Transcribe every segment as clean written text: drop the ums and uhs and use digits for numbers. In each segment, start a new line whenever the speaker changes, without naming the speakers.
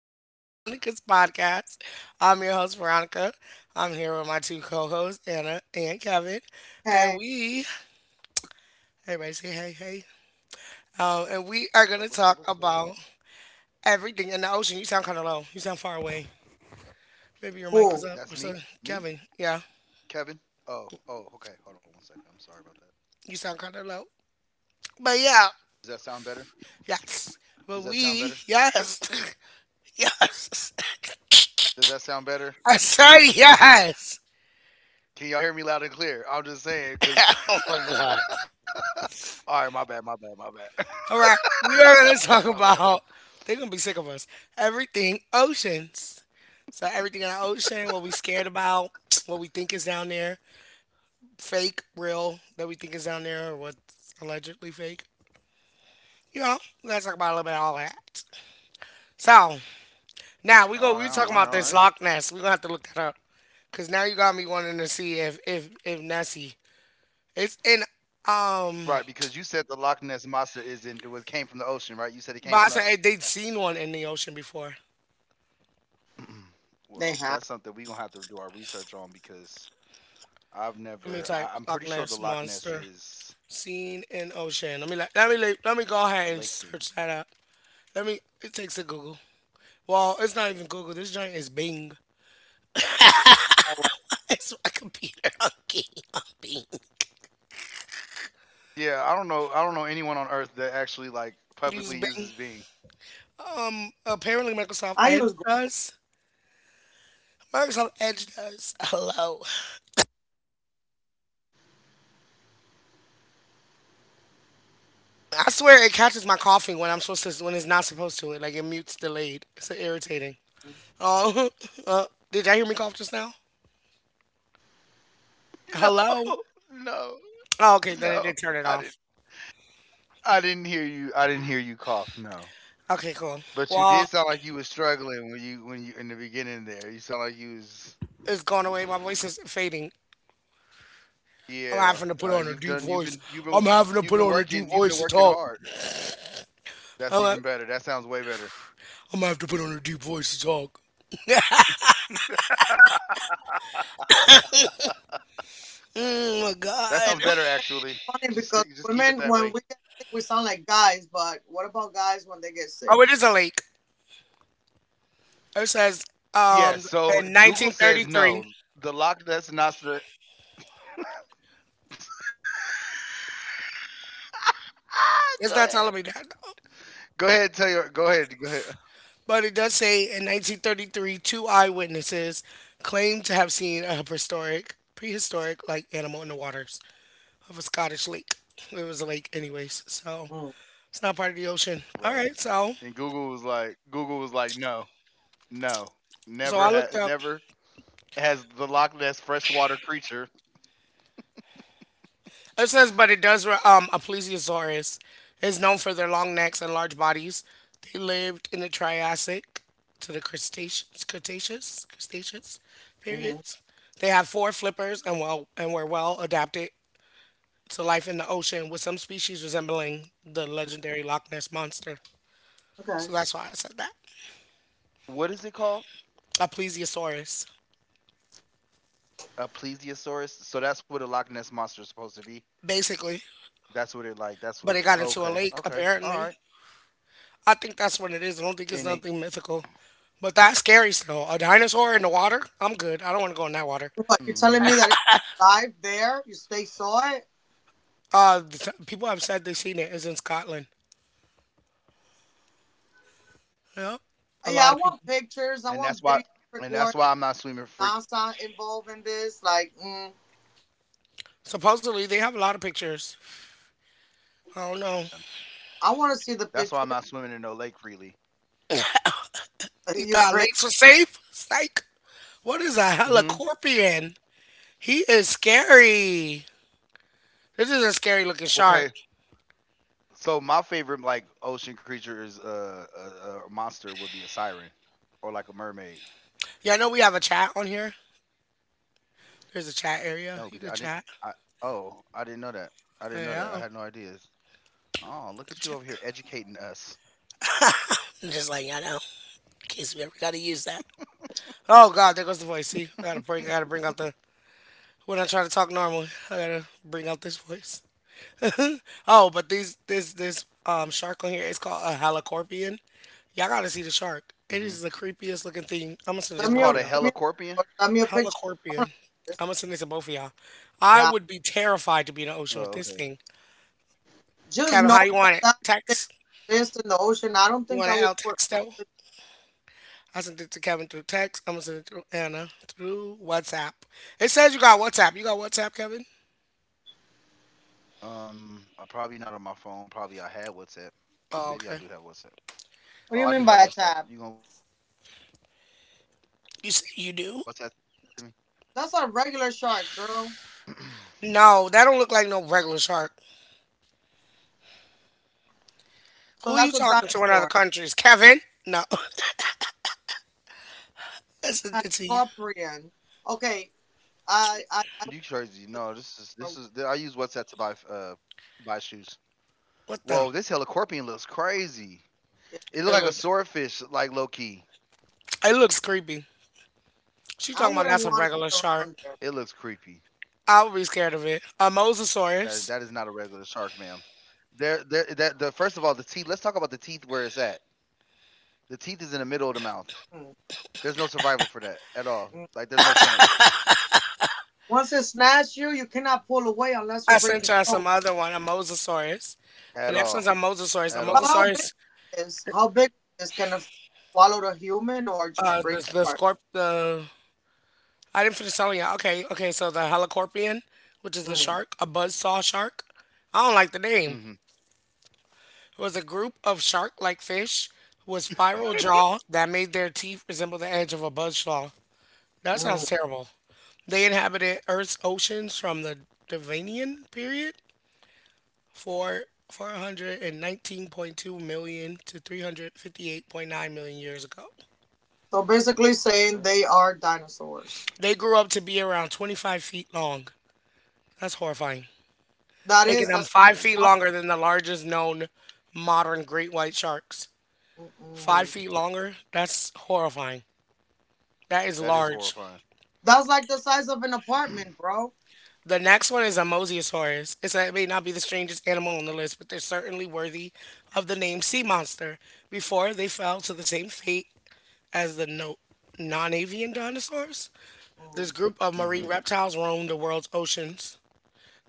to Veronica's podcast. I'm your host, Veronica. I'm here with my two co hosts, Anna and Kevin. And we, everybody say hey, hey. And we are going
So
to
what's so
talk
what's the?
about everything in the ocean. You sound kind of low. You sound far away. Maybe your mic is up or
That's
something.
me,
Kevin, yeah,
Kevin. Oh, okay. Hold on one second. I'm sorry about that.
you sound kind of low. But yeah,
Does that sound better?
yes. But
Does that sound
we,
better?
yes, yes.
Does that sound better?
I said yes.
Can y'all hear me loud and clear? I'm just saying, cause.
Oh my God.
All right, my bad, my bad, my bad,
All right, we are going to talk
my bad.
about. They're going to be sick of us. Everything oceans. So everything in the ocean, what we scared about, what we think is down there, fake, real, that we think is down there, or what's allegedly fake. You know, we gotta talk about a little bit of all that. So now
All
we go. We
right, all
talking
right,
about
all right.
this Loch Ness. We are gonna have to look that up, cause now you got me wanting to see if Nessie. It's in um.
Right, because you said the Loch Ness monster is in. It was came from the ocean, right? You said it came
But I
from the
said
ocean.
they'd seen one in the ocean before.
Well, that's something we gonna have to do our research on because I've
I mean,
never.
type
I, I'm
Loch
pretty
Ness
sure the Loch
monster.
Ness is
Scene in ocean. Let me go ahead and
a lake
search
thing.
that up. Let me. It takes a Google. Well, it's not even Google. This joint is Bing. It's my computer. Okay, on Bing.
Yeah, I don't know. I don't know anyone on earth that actually like publicly uses
Use
Bing.
Bing. Apparently, Microsoft Edge does. Microsoft Edge does. Hello. I swear it catches my coughing when I'm supposed to. When it's not supposed to. It like it mutes delayed. It's so irritating. Oh, uh, did y'all hear me cough just now?
No,
Hello.
no,
Oh, okay. Then it
no.
did turn it
I didn't.
off.
I didn't hear you. I didn't hear you cough. No,
Okay, cool.
but you
Well,
did sound like you was struggling when you in the beginning there. You sound like you was.
it's gone away. My voice is fading. I'm
Yeah,
having to put on a
you've
deep
done. You've
voice.
been. You've
I'm
been.
having to put
You've been
on a deep
working. You've
voice
been
to
working
talk.
hard.
I'm,
That's
ha-
even better. That sounds way better.
I'm gonna have to put on a deep voice to talk. Oh my God.
That sounds better actually. Just keep it that way.
Oh, it is a lake. It says um
Yeah.
in
So Google says
1933.
no. The lock. That's not.
It's
Go
not
ahead.
telling me that, though.
Go ahead and tell your go ahead. Go ahead.
But it does say in 1933, 2 eyewitnesses claimed to have seen a prehistoric like animal in the waters of a Scottish lake. It was a lake, anyways, so it's not part of the ocean. All
Right.
right, so
And Google was like, no, no.
so I
Never
looked
ha-
up.
never has the Loch Ness freshwater creature.
It says, but it does. A plesiosaurus is known for their long necks and large bodies. They lived in the Triassic to the Cretaceous periods. They have 4 flippers and well and were well adapted to life in the ocean, with some species resembling the legendary Loch Ness monster. So that's why I said that.
What is it called?
A plesiosaurus,
A plesiosaurus. So that's what a Loch Ness monster is supposed to be.
basically.
That's what it like. That's what.
But
It,
it got into
okay.
a lake
Okay. All
apparently.
right.
I think that's what it is. I don't think it's
And it.
nothing mythical. But that's scary still. A dinosaur in the water? I'm good. I don't want to go in that water.
Hmm.
People have said they've seen it is in Scotland. Yep. A lot of people.
And that's why. And that's why I'm not swimming freak.
Supposedly, they have a lot of pictures. I don't know.
That's why I'm not swimming in no lake freely.
You thought lakes were safe? Psych. What is a
Hmm.
helicorpion? He is scary. This is a scary looking shark.
Okay. So my favorite like ocean creature is a monster would be a siren or like a mermaid.
Yeah, I know we have a chat on here. There's a chat
No,
area.
I
You
didn't.
could chat.
I Oh, I didn't know that. I didn't know that. I
Yeah,
had
you
no ideas. Oh, look at
could
you over
chat.
here educating us.
I'm just like, I know. In case we ever got to use that. Oh God, there goes the voice. See, I gotta bring out the when I try to talk normal, I gotta bring out this voice. Oh, but this shark on here is called a halicorpian. Y'all gotta see the shark. It
Hmm.
is the creepiest looking thing. I'm gonna send it
It's
to both of
called a
y'all.
helicorpion.
Halicorpian. I'm gonna send it to both of y'all. I would be terrified to be in the ocean with
Oh,
this
okay.
thing. Kevin, how you want it? Text. You want an L texto? I sent it to Kevin through text. I'm gonna send it through Anna through WhatsApp. It says you got WhatsApp. You got WhatsApp, Kevin?
I'm probably not on my phone. Probably I had WhatsApp.
Oh,
Maybe I
okay.
do have WhatsApp. Oh, I do have WhatsApp. You gonna WhatsApp it to me?
You say you do? No, that don't look like no regular shark. Who you talking to in other countries? Kevin? No, it's a
You crazy? No, this is this is. I use WhatsApp to buy shoes. Whoa, this helicorpion looks
what the?
crazy. It looked like a swordfish, like low
It
key.
look it looks creepy. She talking about
It
that's a
looks
regular
creepy.
shark. I would be scared of it.
That
A
that is not a regular
mosasaurus.
shark, ma'am. The first of all, the teeth. Let's talk about the teeth. Where it's at. The teeth is in the middle of the mouth. There's no survival for that at all. Like there's no chance
I sent y'all some other one. A mosasaurus.
at
The
all,
next one's a
at
mosasaurus. A
all.
mosasaurus. The scorp the. I didn't finish telling y'all. Okay, okay. So the helicorpion, which is the shark, a buzzsaw shark. I don't like the
Hmm.
name. It was a group of shark-like fish with spiral jaw that made their teeth resemble the edge of a buzzsaw. That sounds terrible. They inhabited Earth's oceans from the Devonian period for 419.2 million to 358.9 million years ago. They grew up to be around 25 feet long. That's horrifying. Making them
That's
5 feet
crazy.
longer than the largest known modern great white sharks. 5 feet longer? That's horrifying. That is
That is
large.
horrifying.
The next one is a mosasaurus. It may not be the strangest animal on the list, but they're certainly worthy of the name sea monster before they fell to the same fate as the no, non-avian dinosaurs. This group of marine
Hmm.
reptiles roamed the world's oceans,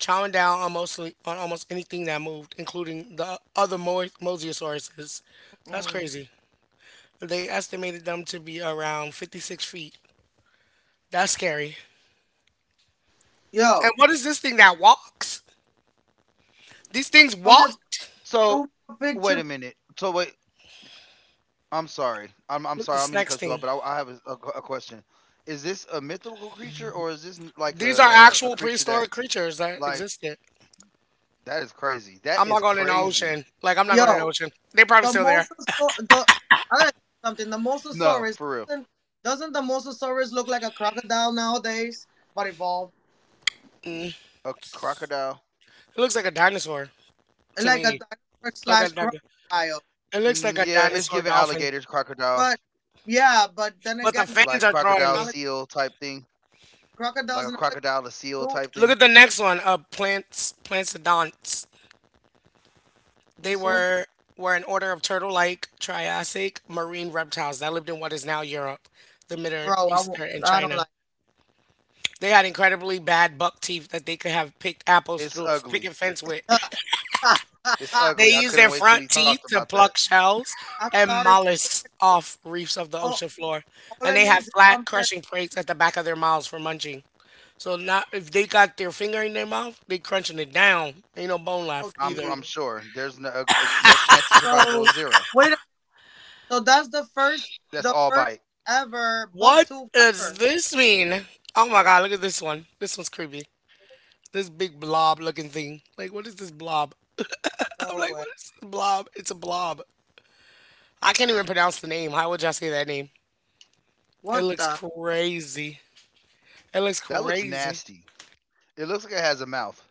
chowing down on mostly on almost anything that moved, including the other mosasauruses. That's crazy. They estimated them to be around 56 feet. That's scary. And what is this thing that walks? These things walked?
So wait a minute. So wait. I'm sorry. I'm
What's
sorry. I
this
don't mean to
next
cut you
thing?
off, but I have a question. Is this a mythical creature or like
These are
a,
actual
a, a creature
prehistoric
that?
creatures that
Like,
existed.
that is crazy.
I'm not
That
going
is
in the ocean.
crazy.
Like I'm not going in the ocean. They're probably still there.
No, for real.
Mm.
A crocodile.
It looks like a dinosaur to me. Like a, like a- it looks like
Mm,
a
yeah, it's
dinosaur
giving
dolphin.
alligators, crocodile,
But the fins
like
are throwing
crocodile
me.
seal type thing, like a crocodile a seal type
Look
thing.
at the next one. Plantodonts. They were an order of turtle-like Triassic marine reptiles that lived in what is now Europe, the Middle Eastern, and China. They had incredibly bad buck teeth that they could have picked apples
It's
through a
ugly.
picket fence with.
It's
They
ugly. I
use
couldn't
their
wait till
front
we talked
teeth
about
to
that.
pluck shells and mollusks off reefs of the ocean floor, and they have flat crushing plates at the back of their mouths for munching. So not if they got their finger in their mouth, they crunching it down. Ain't no bone left
I'm
either.
I'm sure there's no chance of survival is zero. That's all bite.
What does this mean? Oh my god, look at this one. This one's creepy. This big blob looking thing. Like what is this blob? I'm like, what is this blob? It's a blob. I can't even pronounce the name. How would y'all say that name? It looks crazy. It looks
That looks
crazy.
nasty. It looks like it has a mouth.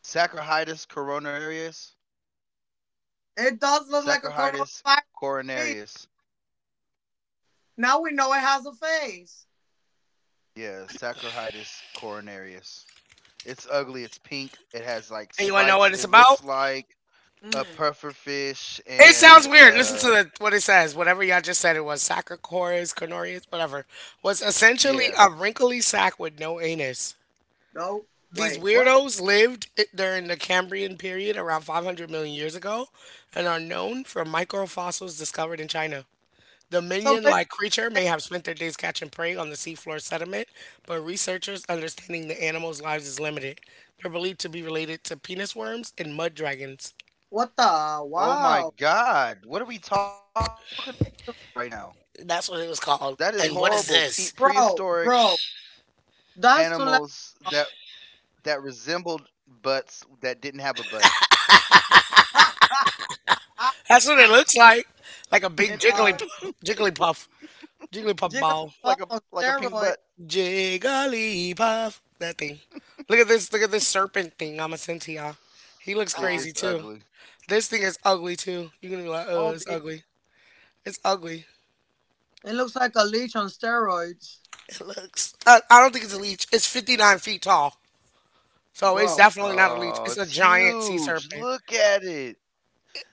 Saccharitis coronarius. Saccharitis coronarius. Yeah, Saccharitis coronarius. It's ugly. It's pink. It has like
And you want to know
spikes.
what
It
it's about?
looks like a puffer fish
It
and
sounds weird. Listen to the, what it says. Whatever y'all just said, it was Sacrocoris, Cornorius, whatever, was
yeah.
essentially a wrinkly sack with no anus. These
What?
weirdos lived during the Cambrian period around 500 million years ago and are known from microfossils discovered in China. The minion like creature may have spent their days catching prey on the seafloor sediment, but researchers understanding the animal's lives is limited. They're believed to be related to penis worms and mud dragons.
Oh my god. What are we talking about right now?
That's what
That
it was
is
called.
horrible.
And
Pe-
what is this?
prehistoric animals that resembled butts that didn't have a butt.
That's what it looks like. Like a big jiggly jigglypuff. Jigglypuff ball.
Like a like a pink butt.
Jigglypuff. That thing. Look at this. Look at this serpent thing. I'ma send to
It,
y'all.
it's
He
ugly.
looks crazy too. This thing is ugly too. You're gonna be like, oh, it's ugly. It's ugly. It looks. I don't think it's a leech. It's 59 feet tall. So it's definitely not
Oh,
a
it's
leech. It's a giant sea
huge. Look
serpent.
at it.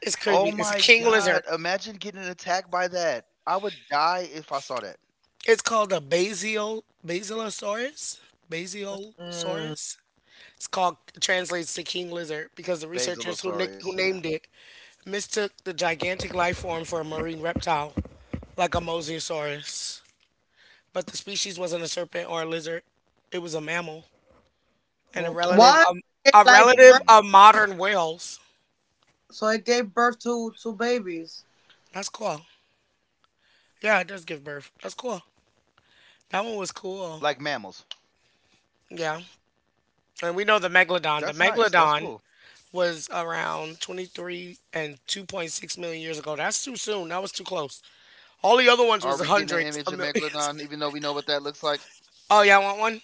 It's
Oh
creepy.
my
It's a king
god.
lizard.
Imagine getting attacked by that. I would die if I saw that.
It's called a basilosaurus. Basiosaurus. It's called translates to king lizard because the researchers who who
Basilosaurus, yeah.
named it mistook the gigantic life form for a marine reptile, like a mosasaurus. But the species wasn't a serpent or a lizard; it was a mammal and a relative
Mm.
of modern whales. That's cool. Yeah, it does give birth. That's cool. That one was cool.
Like mammals.
Yeah, and we know the megalodon.
That's
The
nice. That's
megalodon
cool.
was around 23 and 2.6 million years ago. That's too soon. That was too close. All the other ones
Are we
was
getting an
hundreds
image of
of millions.
Megalodon, even though we know what that looks like?
Oh, yeah, I want one?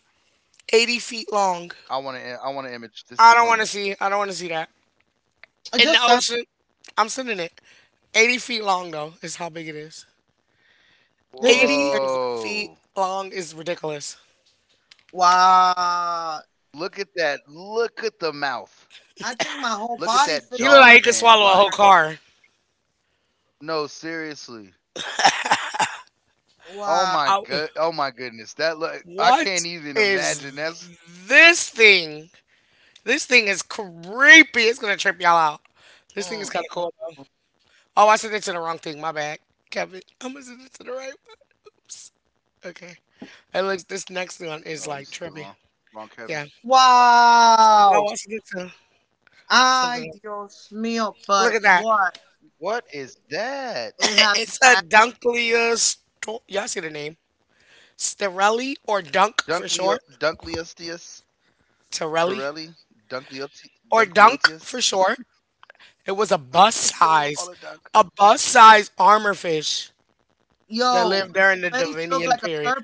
80 feet long.
I want to. I want an image. This is
I don't want
fun.
to see. I don't want to see that. In the ocean, I'm sending it. 80 feet long, though, is how big it is. 80
Whoa!
feet long is ridiculous.
Look at that. Look at the mouth. Look at that
He look
jaw
like he could
span.
swallow a whole
Like,
car.
no, seriously. Oh my
I,
god. Oh my goodness. That look. I
what
can't even
is
imagine. That's.
this thing? This thing is creepy. It's gonna trip y'all out. This thing is kind of cool though. Oh, I sent it to the wrong thing. My bad, Kevin. I'm gonna send it to the right one. Okay. It looks this next one is
Oh, you
like
said the
trippy.
wrong
Yeah.
Kevin.
No, I sent it to something. Else. Look at that.
What is that?
It's a Dunklia. Y'all see the name? Sterelli or Dunk for short.
Dunkleosteus.
Torelli
Torelli, Dunkleotius.
or Dunk for
Dunkleotius.
short. It was
Yeah, we gonna call it
a
Dunk.
bus size armor fish that lived during the Devonian period.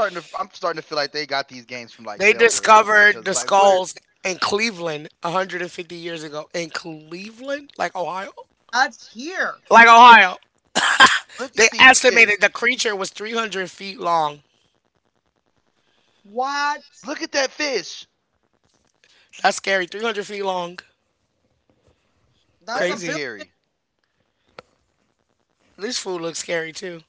I'm starting to feel like they got these games
They
from like Zelda or
discovered
something.
the
Because like,
skulls
what?
in Cleveland 150 years ago. In Cleveland? Like Ohio? Like Ohio.
Look at these fish.
They estimated the creature was 300 feet long.
Look at that fish.
That's scary. 300 feet long.
That is scary.
Crazy. This food looks scary too.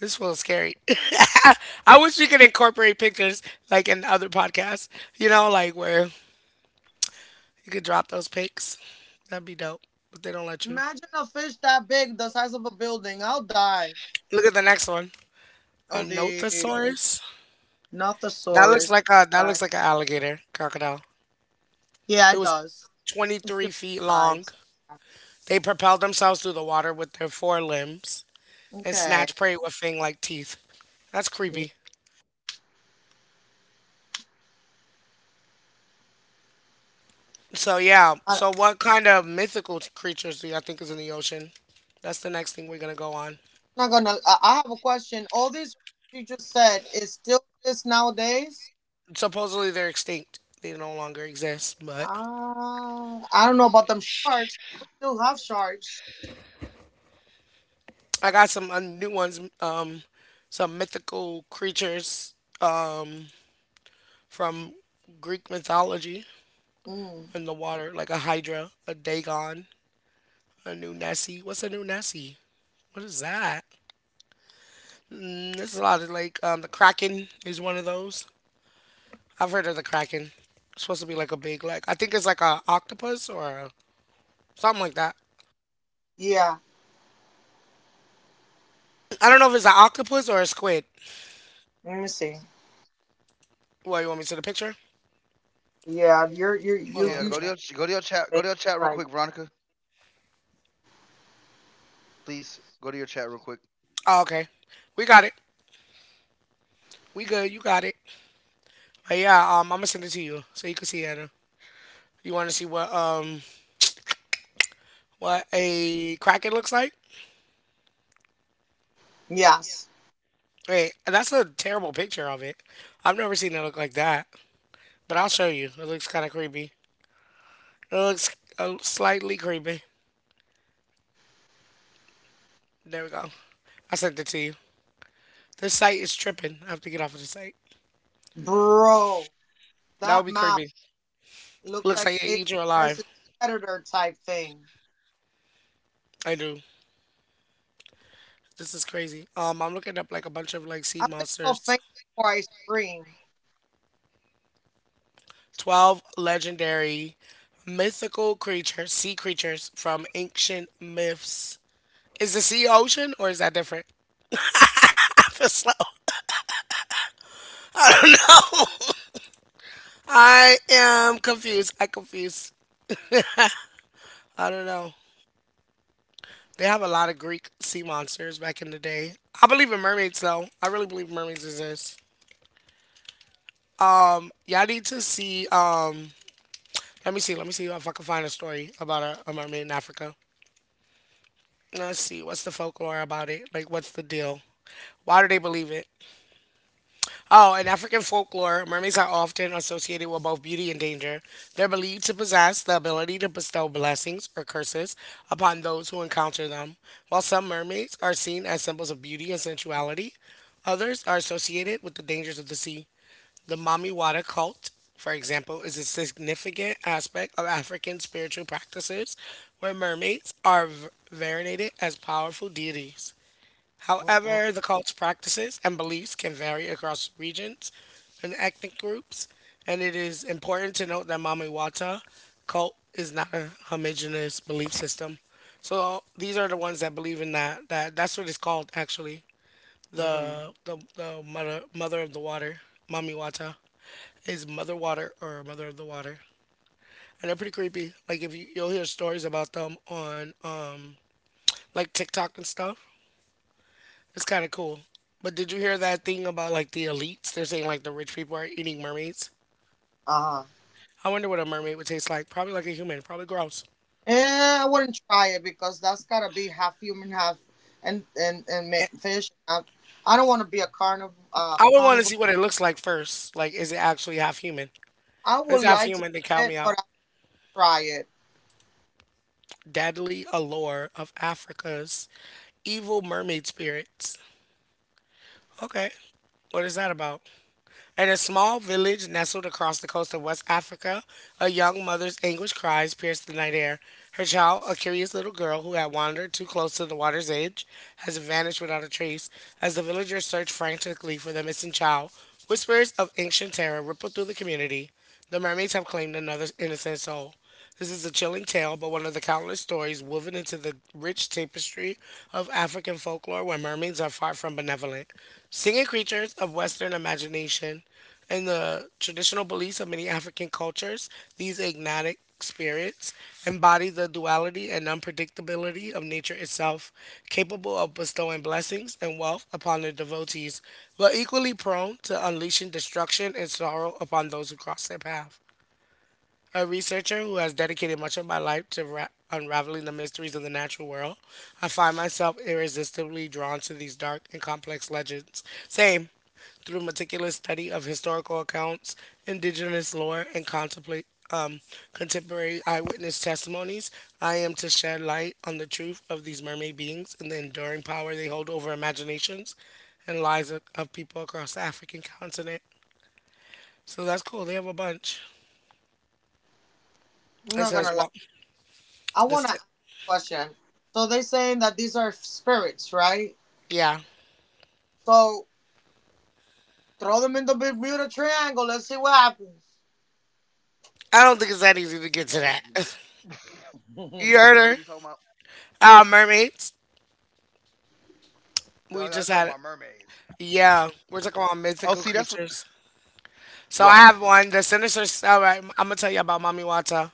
This food's scary. I wish we could incorporate pictures like in other podcasts, you know, like where you could drop those pics. That'd be dope, but they don't let you. Look at the next one. A nothosaurus. That looks like a that looks like an alligator crocodile. It was 23 feet long. They propelled themselves through the water with their forelimbs and snatched prey with fang like teeth. That's creepy. So, yeah. So, what kind of mythical creatures do you think is in the ocean? That's the next thing we're going to go on. Supposedly, they're extinct. They no longer exist, but I got some new ones. Some mythical creatures um, from Greek mythology in the water, like a Hydra, a Dagon, a new Nessie. What's a new Nessie? What is that? There's a lot of like the Kraken is one of those. I've heard of the Kraken. It's supposed to be like a big like I think it's like a octopus or something like that. I don't know if it's an octopus or a squid. Well, you want me to see the picture? Hold on,
Yeah,
let me go
go to
back.
your chat. Go to your chat real quick, Veronica. Please go to your chat real quick.
Oh, okay. We got it. We good. You got it. But yeah, I'm gonna send it to you so you can see it. You want to see what a kraken looks like? Wait, that's a terrible picture of it. I've never seen it look like that. But I'll show you. It looks kind of creepy. It looks slightly creepy. There we go. I sent it to you. This site is tripping. I have to get off of this site. That would be creepy. Looks like it eat you alive. I do. This is crazy. I'm looking up like a bunch of like sea monsters. 12 legendary mythical creatures, sea creatures from ancient myths. Is the sea ocean or is that different? I feel slow. I am confused. I confused. I don't know. They have a lot of Greek sea monsters back in the day. I believe in mermaids though. I really believe mermaids exist. Y'all need to see. Let me see. Let me see if I can find a story about a mermaid in Africa. Let's see. What's the folklore about it? Like, what's the deal? Why do they believe it? Oh, in African folklore, mermaids are often associated with both beauty and danger. They're believed to possess the ability to bestow blessings or curses upon those who encounter them. While some mermaids are seen as symbols of beauty and sensuality, others are associated with the dangers of the sea. The Mamiwata cult, for example, is a significant aspect of African spiritual practices where mermaids are venerated as powerful deities. However, the cult's practices and beliefs can vary across regions and ethnic groups, and it is important to note that Mamiwata cult is not a homogeneous belief system. So these are the ones that believe in that. That that's what it's called actually. The mother of the water, Mamiwata, is mother water or mother of the water. And they're pretty creepy. Like if you you'll hear stories about them on like TikTok and stuff. It's kind of cool. But did you hear that thing about like the elites? They're saying like the rich people are eating mermaids. I wonder what a mermaid would taste like. Probably like a human. Probably gross. Eh, I would want to see what it looks like first. Like, is it actually half human? If it's half human, then count me out. Deadly allure of Africa's evil mermaid spirits. Okay. What is that about? In a small village nestled across the coast of West Africa, a young mother's anguished cries pierced the night air. Her child, a curious little girl who had wandered too close to the water's edge, has vanished without a trace. As the villagers search frantically for the missing child, whispers of ancient terror ripple through the community. The mermaids have claimed another innocent soul. This is a chilling tale, but one of the countless stories woven into the rich tapestry of African folklore where mermaids are far from benevolent. Singing creatures of Western imagination, in the traditional beliefs of many African cultures, these agnatic spirits embody the duality and unpredictability of nature itself, capable of bestowing blessings and wealth upon their devotees, but equally prone to unleashing destruction and sorrow upon those who cross their path, a researcher who has dedicated much of my life to unraveling the mysteries of the natural world. I find myself irresistibly drawn to these dark and complex legends. Same. Through meticulous study of historical accounts, indigenous lore, and contemplate contemporary eyewitness testimonies, I am to shed light on the truth of these mermaid beings and the enduring power they hold over imaginations and lives of people across the African continent. So that's cool. They have a bunch. It says, well, the, yeah. I don't think it's that easy to get to
What?
that. You heard her?
What are we talking about?
Mermaids. We
Dog,
just
I'm
had
talking
it.
about mermaids.
Yeah. We're talking about mythical
Oh, see, that's what.
creatures. So I have
Right.
one. The sinister. All right. I'm gonna tell you about Mamiwata.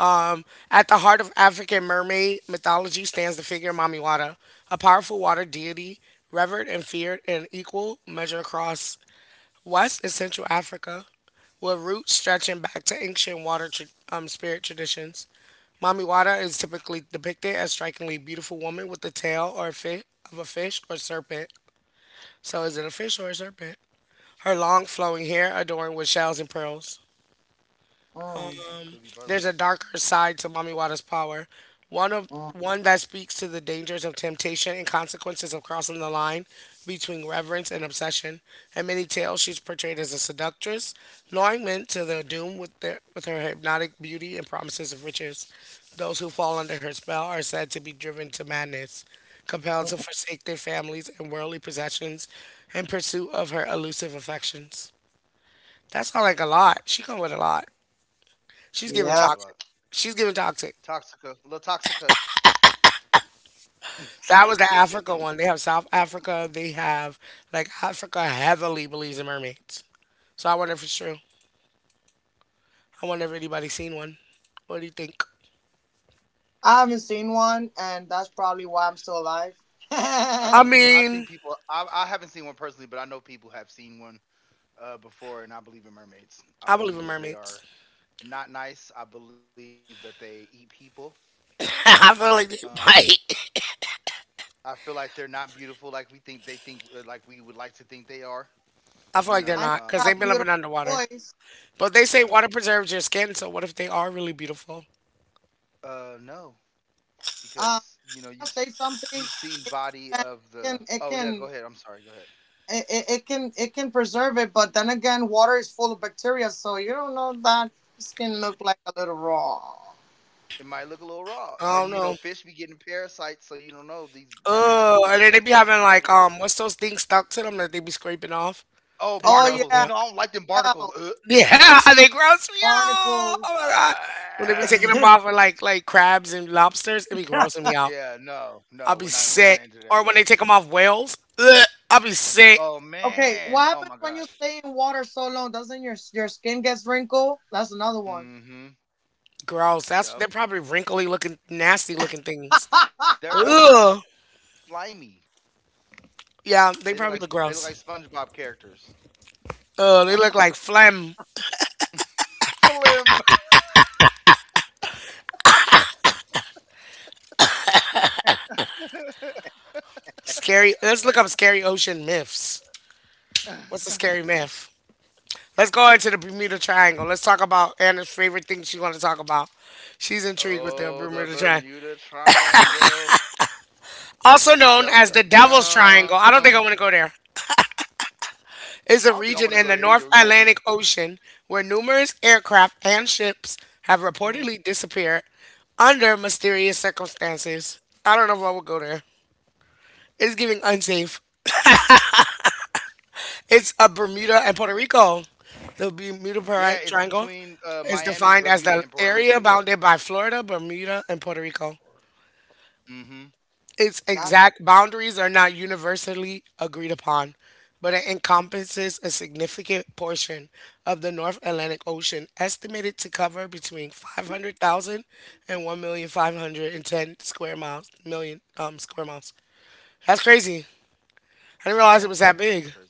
Um, at the heart of African mermaid mythology stands the figure Mamiwata, a powerful water deity revered and feared in equal measure across West and Central Africa, with roots stretching back to ancient water spirit traditions. Mami Wada is typically depicted as strikingly beautiful woman with the tail or of a fish or serpent. So is it a fish or a serpent? Her long flowing hair adorned with shells and pearls.
Oh,
Um,
could be
there's
both.
a darker side to Mommy Wada's power. One that speaks to the dangers of temptation and consequences of crossing the line between reverence and obsession. In many tales, she's portrayed as a seductress, luring men to their doom with their with her hypnotic beauty and promises of riches. Those who fall under her spell are said to be driven to madness, compelled to forsake their families and worldly possessions in pursuit of her elusive affections. That's not like a lot. She come with a lot. She's giving
She do come
toxic.
with a lot.
She's giving toxic.
Toxica, La Toxica.
That was the Africa one. They have South Africa. They have like Africa heavily believes in mermaids. So I wonder if it's true. I wonder if anybody's seen one. What do you think? I mean,
I think people. I haven't seen one personally, but I know people have seen one before, and I believe in mermaids.
I believe
I
in
believe that
mermaids.
they are not nice. I believe that they eat people.
I feel like they
Um,
might.
I feel like they're not beautiful like we would like to think they are.
I feel like they're not because they've
I
been
think
living underwater. But they say
yeah,
water preserves your skin. So what if they are really beautiful?
no, because you know you've you've seen body of the. Oh yeah, go ahead. I'm sorry. Go ahead. It might look a little raw,
I don't
and
know.
you know fish be getting parasites, so you don't know these
Oh,
mermaids can
and
be
then they
getting
be having
parasites
like
inside of them.
what's those things stuck to them that they be scraping off? They
Oh,
gross me up.
barnacles! You know I don't like them barnacles. Ugh.
Yeah, they gross me out. Oh my god. When they were taking them
Ah.
off with like crabs and lobsters, it be grossing me out.
Yeah, no,
I'll be
no,
sick.
we're not
Or
into
when they
that,
take
bro.
them off whales, ugh, I'll be sick.
Oh man, oh my god. Mm-hmm.
Gross. That's they're
Yep.
probably wrinkly looking, nasty looking things.
They're
Ugh.
ugly, slimy.
Yeah, they probably
They
look
look like
gross.
SpongeBob characters.
Ugh, they look like phlegm.
Flim.
Scary. Let's look up scary ocean myths. What's a scary myth? Let's go into the Bermuda Triangle. Let's talk about Anna's favorite thing she want to talk about. She's intrigued with the
Oh,
Bermuda
the
Triangle.
Bermuda Triangle.
Also known as the
Dum dum
Devil's Triangle. I don't
dum.
think I want to go there. Is
I
a
don't think I want
region
to go
in the
there either.
North
We might get.
Atlantic Ocean where numerous aircraft and ships have reportedly disappeared under mysterious circumstances. I don't know if I would go there. It's giving unsafe. It's a Bermuda and Puerto Rico. The
Yeah, it's
Triangle
between
is
Miami,
defined as
Bermuda,
the
and Puerto
area
Rico. Yeah.
bounded by Florida, Bermuda, and Puerto Rico.
Mm-hmm.
Its exact boundaries are not universally agreed upon, but it encompasses a significant portion of the North Atlantic Ocean, estimated to cover between 500,000 and 1,510 square miles. Million square miles. That's crazy. I didn't realize it was that
That is
big.
crazy.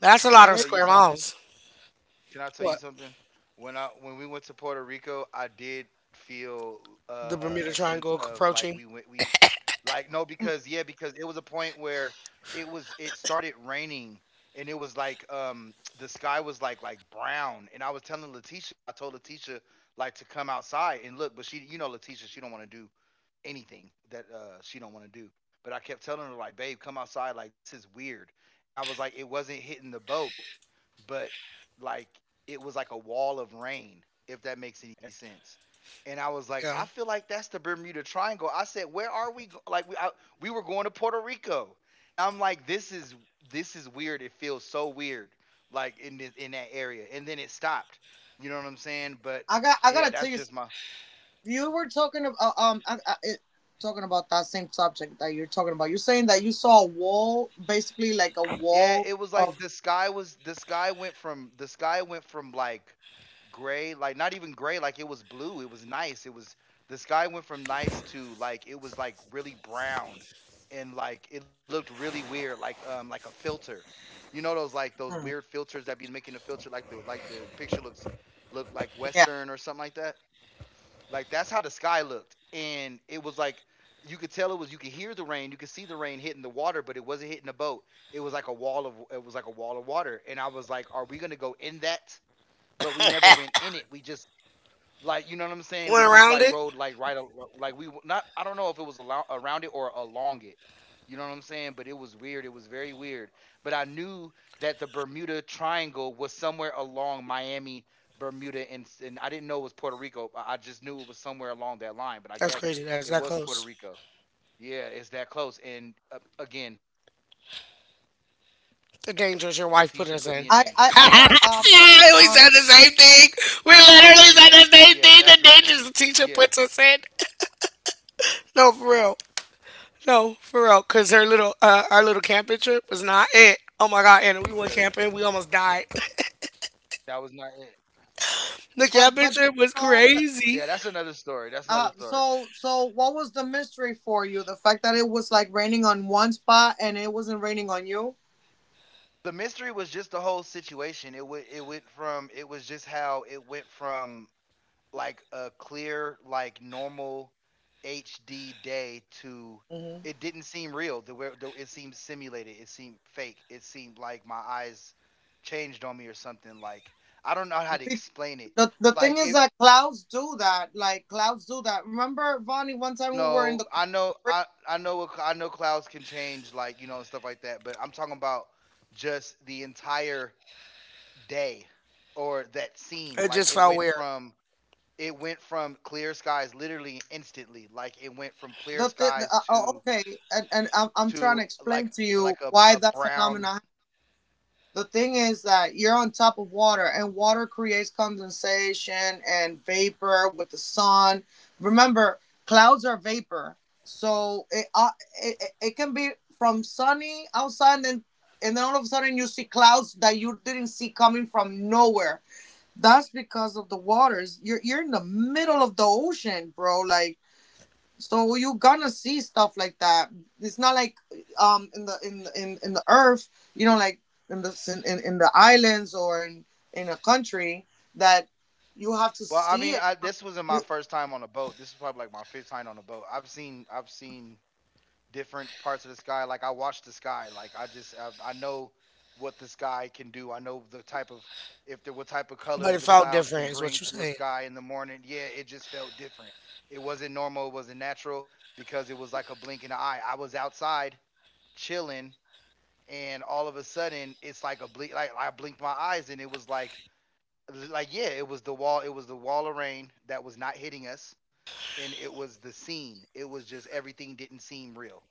That's a
Can I
lot of
tell you
square
something?
miles.
Can I tell you
What?
something? When I when we went to Puerto Rico, I did feel
The
a
Bermuda
sense
Triangle
of like we
approaching?
went we like no because yeah because it was a point where it started raining, and it was like the sky was like brown, and I told Letitia like to come outside and look, but she you know Letitia she don't want to do anything that she don't want to do. But I kept telling her like, babe, come outside. Like this is weird. And I was like, it wasn't hitting the boat, but like it was like a wall of rain, if that makes any sense. And I was like, I
Yeah.
feel like that's the Bermuda Triangle. I said, where are we? We were going to Puerto Rico, and I'm like, this is weird. It feels so weird, like in that area. And then it stopped. You know what I'm saying? But yeah, that's just my. Yeah, it was like the sky went from like gray, like not even gray, like it was blue. It was nice. It was The sky went from nice to like it was like really brown, and like it looked really weird, like a filter. You know those like those weird filters that be making the filter like the picture look like western or something like that? Like that's how the sky looked, and it was like you could tell it was you could hear the rain, you could see the rain hitting the water, but it wasn't hitting the boat. It was like a wall of water, and I was like, are we gonna go in that? But we never went in it. We just like you know what I'm saying.
Went
We just
around it?
like rode not I don't know if it was around it or along it. You know what I'm saying? But it was weird. It was very weird. But I knew that the Bermuda Triangle was somewhere along Miami, Bermuda, and I didn't know it was Puerto Rico. I just knew it was somewhere along that line. But I
That's
guess
crazy. That's
it
that
was Puerto
close.
Rico. Yeah, it's that close. And again, Letitia put me in danger. We need to
The
talk about
dangers
that.
your wife put us in. We
But anyway,
said the
yeah,
same thing. We literally
yeah
said the same thing. The dangers the teacher puts us in. No, for real. No, for real. Cause her little, our little camping trip was not it.
because
Oh my god, and we went camping. We almost died.
that was not it.
The camping trip was
Yeah, that's another
crazy.
story. That's another story. The mystery was just the whole situation. It went from it was just how It went from like a clear like normal HD day to it didn't seem real. It seemed simulated. It seemed fake. It seemed like my eyes changed on me or something. Like I don't know how to explain it. Like it. No, I know, I know I know clouds can change like, and stuff like that. But I'm talking about just the entire day or that scene.
It
Like
just
it
felt
went
weird,
from it went from clear skies literally instantly. Like it went from clear skies to to like a brown. Well, I mean, this wasn't my first time on a boat. This is probably like my fifth time on a boat. I've seen different parts of the sky. Like I watch the sky. Like I know what the sky can do. I know the type of if there what type of
but
colors
it
the
felt
clouds can
different. Is what
bring
you're
to a
saying?
sky in the morning. Yeah, it just felt different. It wasn't normal. It wasn't natural because it was like a blink in the eye. I was outside chilling, and all of a sudden it's like a blink. Like I blinked my eyes, and it was like, yeah, it was the wall. It was the wall of rain that was not hitting us. And it was the scene. It was just everything didn't seem real.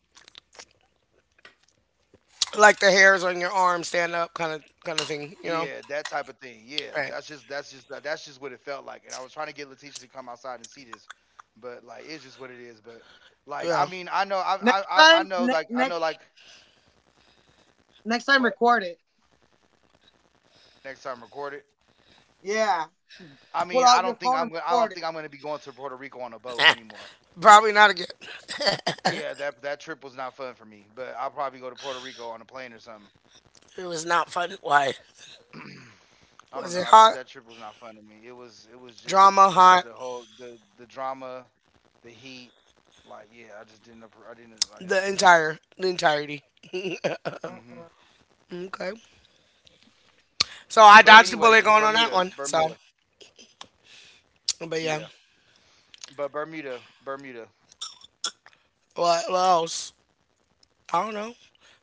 Like the hairs on your arm stand up, kind of thing. You know?
Yeah, that type of thing. Yeah,
Right.
that's just what it felt like. And I was trying to get Letitia to come outside and see this, but like, it's just what it is. But like,
Yeah.
I mean, I know, I know, like, I know, like, what next time record it. I mean, I don't think I'm gonna be going to Puerto Rico on a boat anymore.
Probably not again.
Yeah, that trip was not fun for me. But I'll probably go to Puerto Rico on a plane or something.
It was not fun. Why?
I don't
Was
know.
it
I just
hot?
That trip was not fun to me. It was just
Drama,
this
hot,
the drama, the heat. Like, yeah, I didn't
the
like it.
entire, the entirety.
Hmm.
Okay. So I
But
dodged the
anyway,
bullet
but
going on that
Bermuda,
one. So,
Bermuda,
but
yeah.
yeah.
But Bermuda, Bermuda.
What else? I don't know.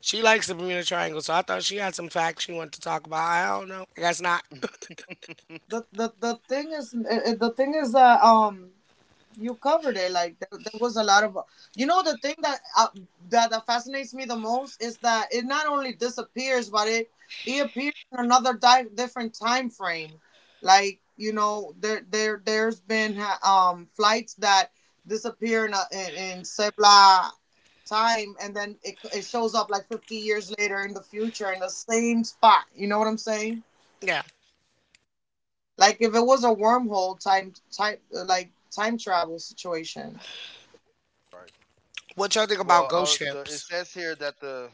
She likes the Bermuda Triangle, so I thought she had some facts she wanted to talk about. I don't know. I guess not. Yeah.
Right.
What y'all think
Well,
about ghost
all the it
ships?
says here that the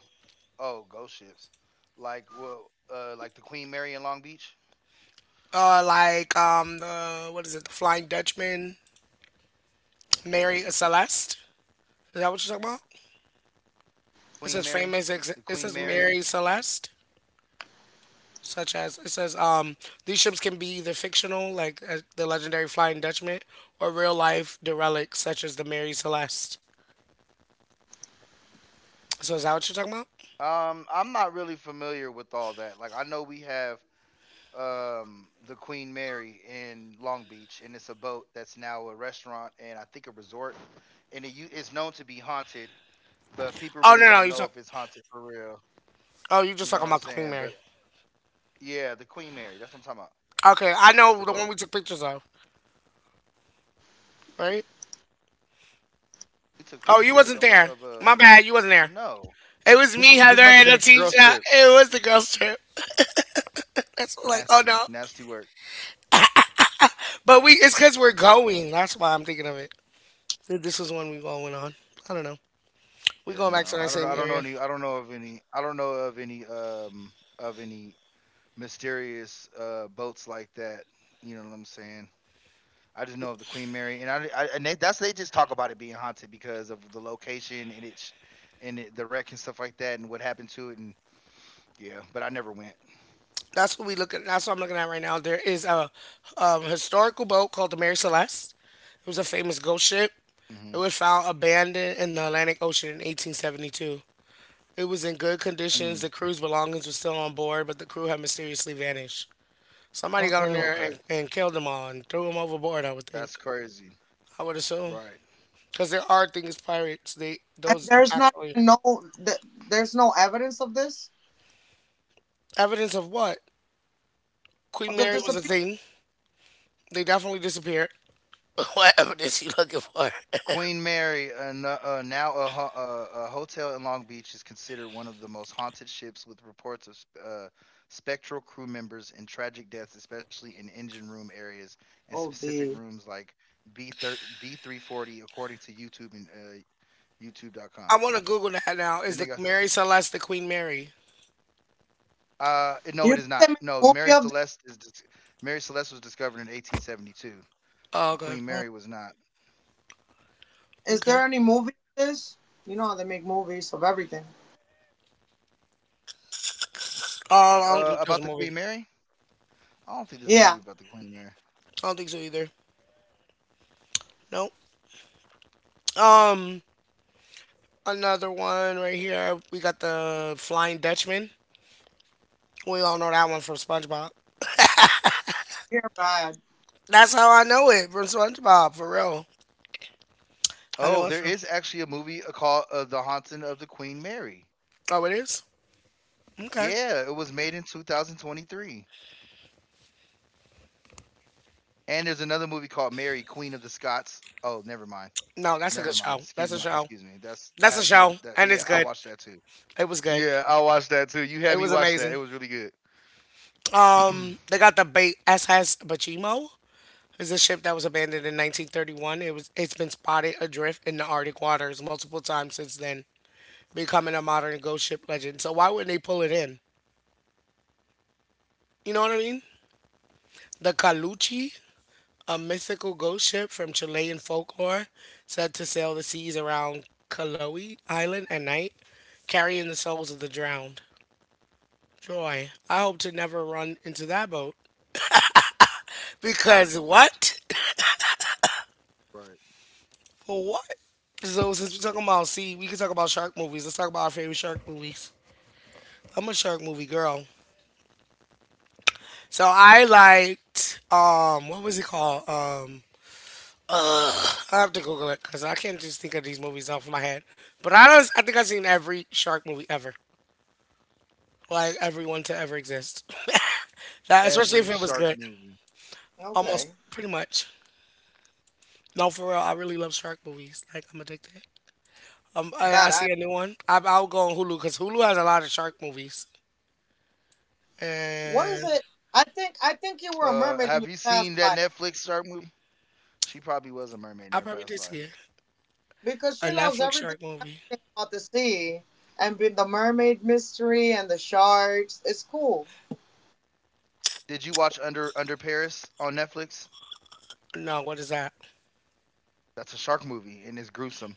oh, ghost ships, like, well, like the Queen Mary in Long Beach,
Like the what is it? The Flying Dutchman, Mary Celeste. Is that what you're talking about? It says
Queen
famous.
Mary,
Ex- it
the
says
Queen
Mary
Mary.
Celeste. Such as it says these ships can be either fictional, like the legendary Flying Dutchman, or real life derelicts such as the Mary Celeste. So is that what you're talking about?
I'm not really familiar with all that. Like, I know we have the Queen Mary in Long Beach and it's a boat that's now a restaurant and I think a resort, and it's known to be haunted, but
Oh
people
no, no,
really
you
don't
talk.
know if it's haunted for real,
Oh, you just
you
talking
know what
about the
I'm
Queen
saying.
Mary.
But yeah, the Queen Mary, that's what I'm talking about.
Okay, I know
It's
the
the
one we
boat
took pictures of, right?
we
Oh,
took
you
pictures
wasn't
of a, of
there.
a, of
My
a
bad, you wasn't there.
No,
It was me, Heather,
this
and
must have been a girls'
Letitia.
trip.
It was the girls' trip. That's like, oh no.
Nasty, nasty work.
But we, it's because we're going. That's why I'm thinking of it. This was one we all went on. I don't know. We
Yeah,
going
no,
back to that same area.
I don't know of any, of any mysterious boats like that, you know what I'm saying. I just know of the Queen Mary, and I and they, that's they just talk about it being haunted because of the location, and it's and the wreck and stuff like that, and what happened to it. And yeah, but I never went.
That's what we look at. That's what I'm looking at right now. There is a historical boat called the Mary Celeste. It was a famous ghost ship.
Mm hmm
It was found abandoned in the Atlantic Ocean in 1872. It was in good
Mm,
conditions. The crew's belongings were still on board, but the crew had mysteriously vanished. Somebody got on there
okay,
and killed them all and threw them overboard. I would
that's
think.
crazy,
I would assume
right?
because there are things pirates. They those actually evidence of what Queen Mary was a thing. They definitely disappeared. What evidence you looking for?
Queen Mary, now a hotel in Long Beach, is considered one of the most haunted ships, with reports of spectral crew members and tragic deaths, especially in engine room areas and specific rooms like B 340, according to YouTube and
I
YouTube.com.
want to Google that now. Is
Then
the
they got.
Mary Celeste the Queen Mary?
No, it is not. No, Mary Celeste was discovered in 1872.
Oh,
The
okay.
Queen Mary was not.
Okay. Oh, I don't think that's a
About the
movie.
Queen Mary? I don't think there's a movie about the Queen Mary.
I don't think so either. Nope. Um, another one right here. We got the Flying Dutchman. We all know that one from SpongeBob. That's how I know it from SpongeBob, for real. I
Oh,
know it
there
from.
is actually a movie called The Haunting of the Queen Mary.
Oh, it is? Okay.
Yeah, it was made in 2023. And there's another movie called Mary, Queen of the Scots. Oh, never mind.
No, that's a
Never
good
mind.
show.
Excuse
That's a
me.
show.
Excuse me. That
That's a
has nothing.
show. And
Yeah,
it's
I
good.
watched that too.
It was good.
Yeah, I watched that too. You
It
had me
was
watch that.
amazing.
It was really good.
They got the bait SS Bachimo. Is a ship that was abandoned in 1931. It was it's been spotted adrift in the Arctic waters multiple times since then, becoming a modern ghost ship legend. So why wouldn't they pull it in? You know what I mean? The Caluchi, a mythical ghost ship from Chilean folklore, said to sail the seas around Caloe Island at night, carrying the souls of the drowned. Joy. I hope to never run into that boat. Because what?
Right.
What? So since we're talking about sea, we can talk about shark movies. Let's talk about our favorite shark movies. I'm a shark movie girl. So I liked what was it called? Uh, I have to Google it because I can't just think of these movies off my head. But I don't I think I've seen every shark movie ever. Like every one to ever exist. That-
Every
especially if it was
shark
good.
movie.
Almost pretty much. No, for real, I really love shark movies. Like I'm addicted. I see a new one. I'll go on Hulu because Hulu has a lot of shark movies, and
Have you seen that Netflix shark movie? She probably was a mermaid in
I
her
probably did
past
see
life.
it. A Netflix shark movie.
Did you watch Under Paris on Netflix?
No, what is that?
That's a shark movie and it's gruesome.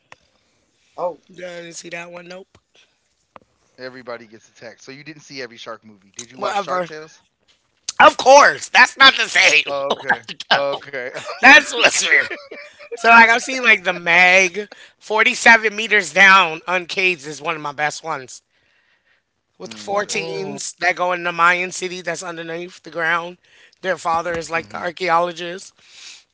Didn't see that one. Nope.
Everybody gets attacked. So you didn't see every shark movie. Did you watch
Whatever.
Shark Tales?
Of course, that's not the same.
Oh,
What?
okay.
No.
Okay.
That's what's weird. So like I've seen like the Meg, 47 meters down uncaged is one of my best ones. With the
Mm,
four
okay.
teams that go in the Mayan city that's underneath the ground. Their father is like the
Hmm.
archaeologist.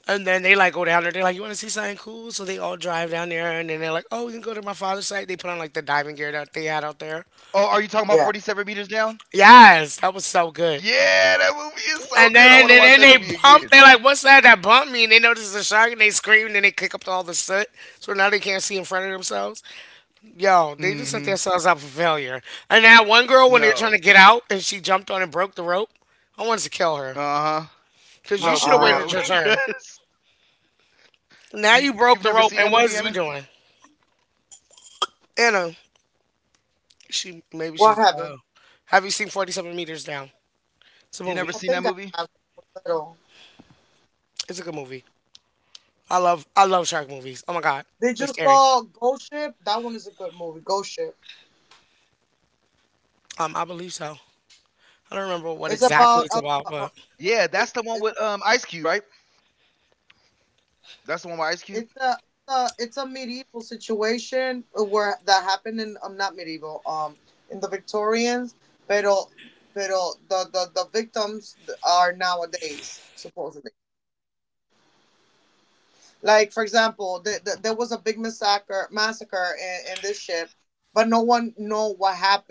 And then they like go down there, they're like, "You wanna see something cool?" So they all drive down there and then they're like, "Oh, we can go to my father's site." They put on like the diving gear that they had out there.
Oh, are you talking about 47 meters down?
Yes, that was so good.
Yeah, that movie is
And
so good. I
then
want
and
to
then
watch
they
that movie
bump.
again.
They're like, "What's that? That bumped me?" And they notice it's a shark, and they scream, and then they kick up all the soot. So now they can't see in front of themselves. Yo, they just set
Mm-hmm.
themselves up for failure. And that one girl, when they were trying to
No.
get out, and she jumped on and broke the rope. I wanted to kill her
Uh-huh.
because you
No,
should
for
have waited
real.
your turn.
Because you've never
Now
seen
you
that
broke
movie,
the rope,
Anna?
and what is we doing? Anna, she maybe she's. Have you seen 47 Meters Down?
You
It's a
never seen that
movie.
movie?
It's a good movie. I love shark movies. Oh my god, they're scary. I believe so. I don't remember what exactly it's about, but
Yeah, that's the one with Ice Cube, right? That's the one with Ice Cube.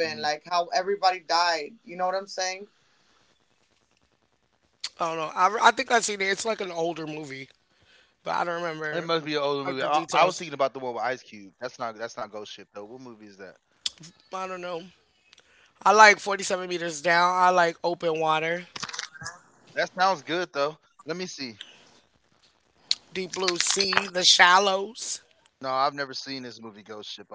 Mhm.
I don't know. I think I've seen it. It's like an older movie, but I don't
It
remember
must be an older
like
movie.
the
I was
details.
thinking about the one with Ice Cube. That's not Ghost Ship though. What movie is that?
I don't know. I like 47 meters down. I like open water,
That sounds good though. Let me see.
deep blue sea, the
No, I've
shallows.
never seen this movie Ghost Ship. I need to see this.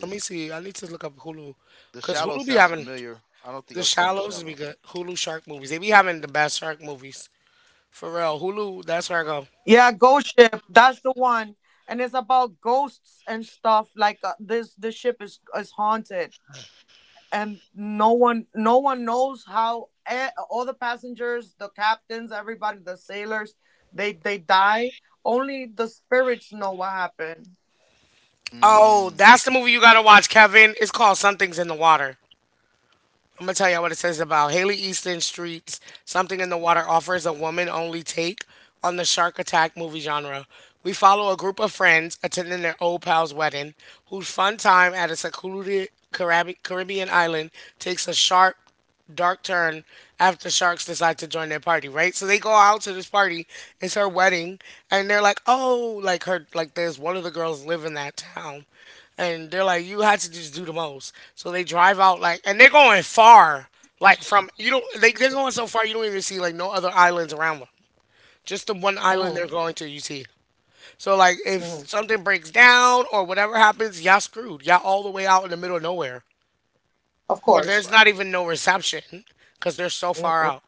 Let me see. I need to look up
The
Hulu.
Shallow sounds
Cause Hulu be
familiar.
having
I don't think I've seen The
the
Shallows.
shallows be good. Hulu shark movies. They be having the best shark movies. For real. Hulu, that's where I go. Oh,
Mm.
that's the movie you gotta watch, Kevin. It's called Something's in the Water. I'm gonna tell y'all what it says about Haley Easton Streets. Something in the Water offers a woman only take on the shark attack movie genre. We follow a group of friends attending their old pal's wedding, whose fun time at a secluded Carab- Caribbean island takes a sharp dark turn after sharks decide to join their party, right? So they go out to this party. It's her wedding, and they're like, "Oh, like her, like there's one of the girls live in that town." And they're like, you had to just do the most. So they drive out like, and they're going far, like from you don't. They're going so far you don't even see like no other islands around them. Just the one island they're going to, you see. So like, if something breaks down or whatever happens, y'all screwed. Y'all all the way out in the middle of nowhere where there's not
Right.
even no reception because they're so far out.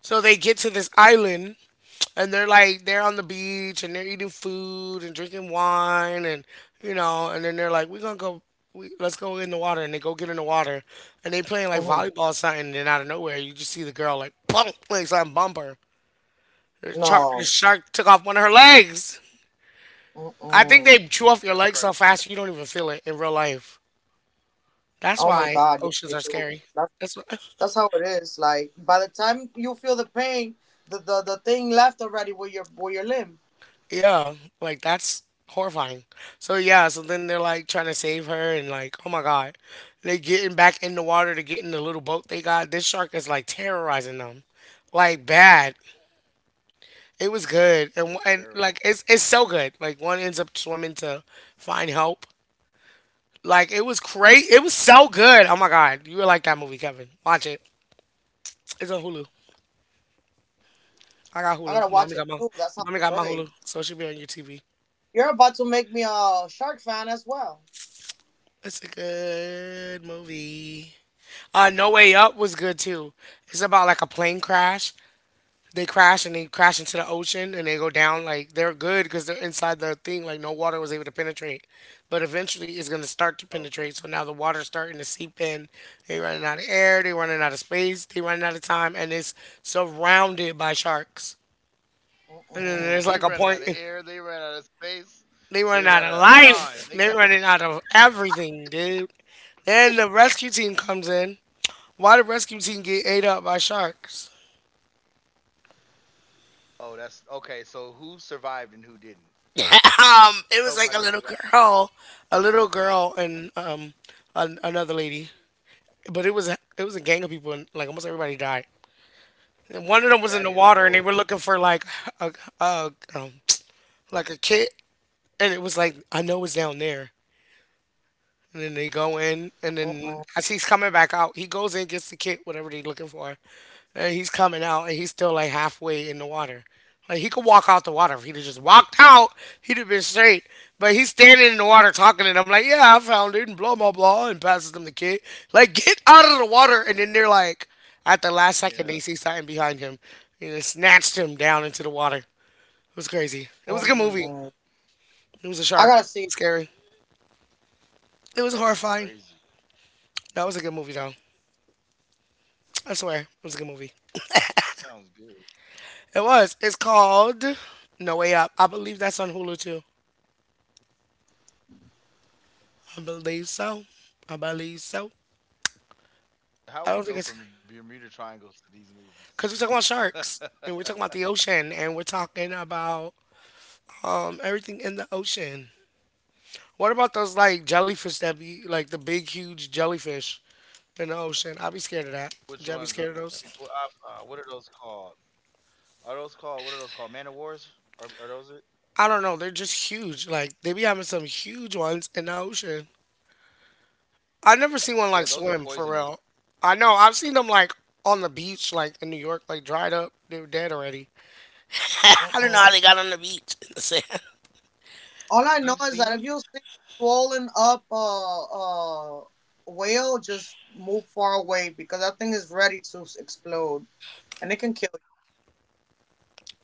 So they get to this island and they're like they're on the beach and they're eating food and drinking wine and you know and then they're like we're gonna go let's go in the water and they go get in the water and they playing like volleyball or something and then out of nowhere you just see the girl like boom like something bumper the shark took off one of her legs. I think they chew
That's
off your legs
crazy.
so fast you don't even feel it in real life. That's why oceans are scary. That's why yeah, like that's horrifying. So yeah, so then they're like trying to save her and like, oh my god. They getting back in the water to get in the little boat they got. This shark is like terrorizing them. Like bad. It was good. And like
Terrible.
it's so good. Like one ends up swimming to find help. Like it was great. It was so good. Oh my god. You would like that movie, Kevin. Watch it. It's on Hulu. I got Hulu. Mommy got my Hulu. So it should be on your TV. It's a good movie. No Way Up was good too. It's about like a plane crash. They crash into the ocean and they go down. Like they're good because they're inside the thing. Like no water was able to penetrate, but eventually it's gonna start to penetrate. So
Okay.
now the water's starting to seep in. They running out of air. They running out of space. They running out of time, and it's surrounded by sharks. And then there's like a
They
point.
ran out of air. They ran out of space.
They running out
They
of
ran out of
life. They
time. They
running
got.
out of everything, dude. Then the rescue team comes in. Why the rescue team get ate up by sharks?
Oh, that's okay. So who survived and who didn't?
Um, it was like a little
Nobody survived.
girl, a little girl, and um, another lady. But it was a gang of people, and like almost everybody died. And one of them was in the
That
water, and
is
they were looking for
horrible.
like a, a like a kid, and it was like I know it's down there. And then they go in, and then as he's coming back out, he goes in, gets the kit, whatever they're looking for, and he's coming out, and he's still like halfway in the water. Like he could walk out the water if he'd have just walked out, he'd have been straight. But he's standing in the water talking, and I'm like, "Yeah, I found it," and blah blah blah, and passes them the kit. Like, get out of the water, and then they're like, at the last second, they
Yeah.
see something behind him, and it snatched him down into the water. It was crazy. It was a good movie. It was a shark. It was scary. It was
That is
horrifying.
crazy.
That was a good movie though. I swear, it was a good movie.
That sounds good.
It was. It's called No Way Up. I believe that's on Hulu too. I believe so. I believe so. I don't
How
think
we
it's
go from the Bermuda Triangles to these
because we're
movies?
talking about sharks and we're talking about the ocean and we're talking about everything in the ocean. What about those like jellyfish that be like the big huge jellyfish in the ocean? I'd be scared of that. Would
Which
y'all be
ones are
scared of those?
what are those called? Man of Wars? Are those it?
I don't know. They're just huge. Like they be having some huge ones in the ocean. I've never seen one like
Yeah, those are
swim for
poisonous.
real. I know I've seen them like on the beach, like in New York, like dried up. They were dead already. I don't know how they got on the beach in the sand.
You've seen them?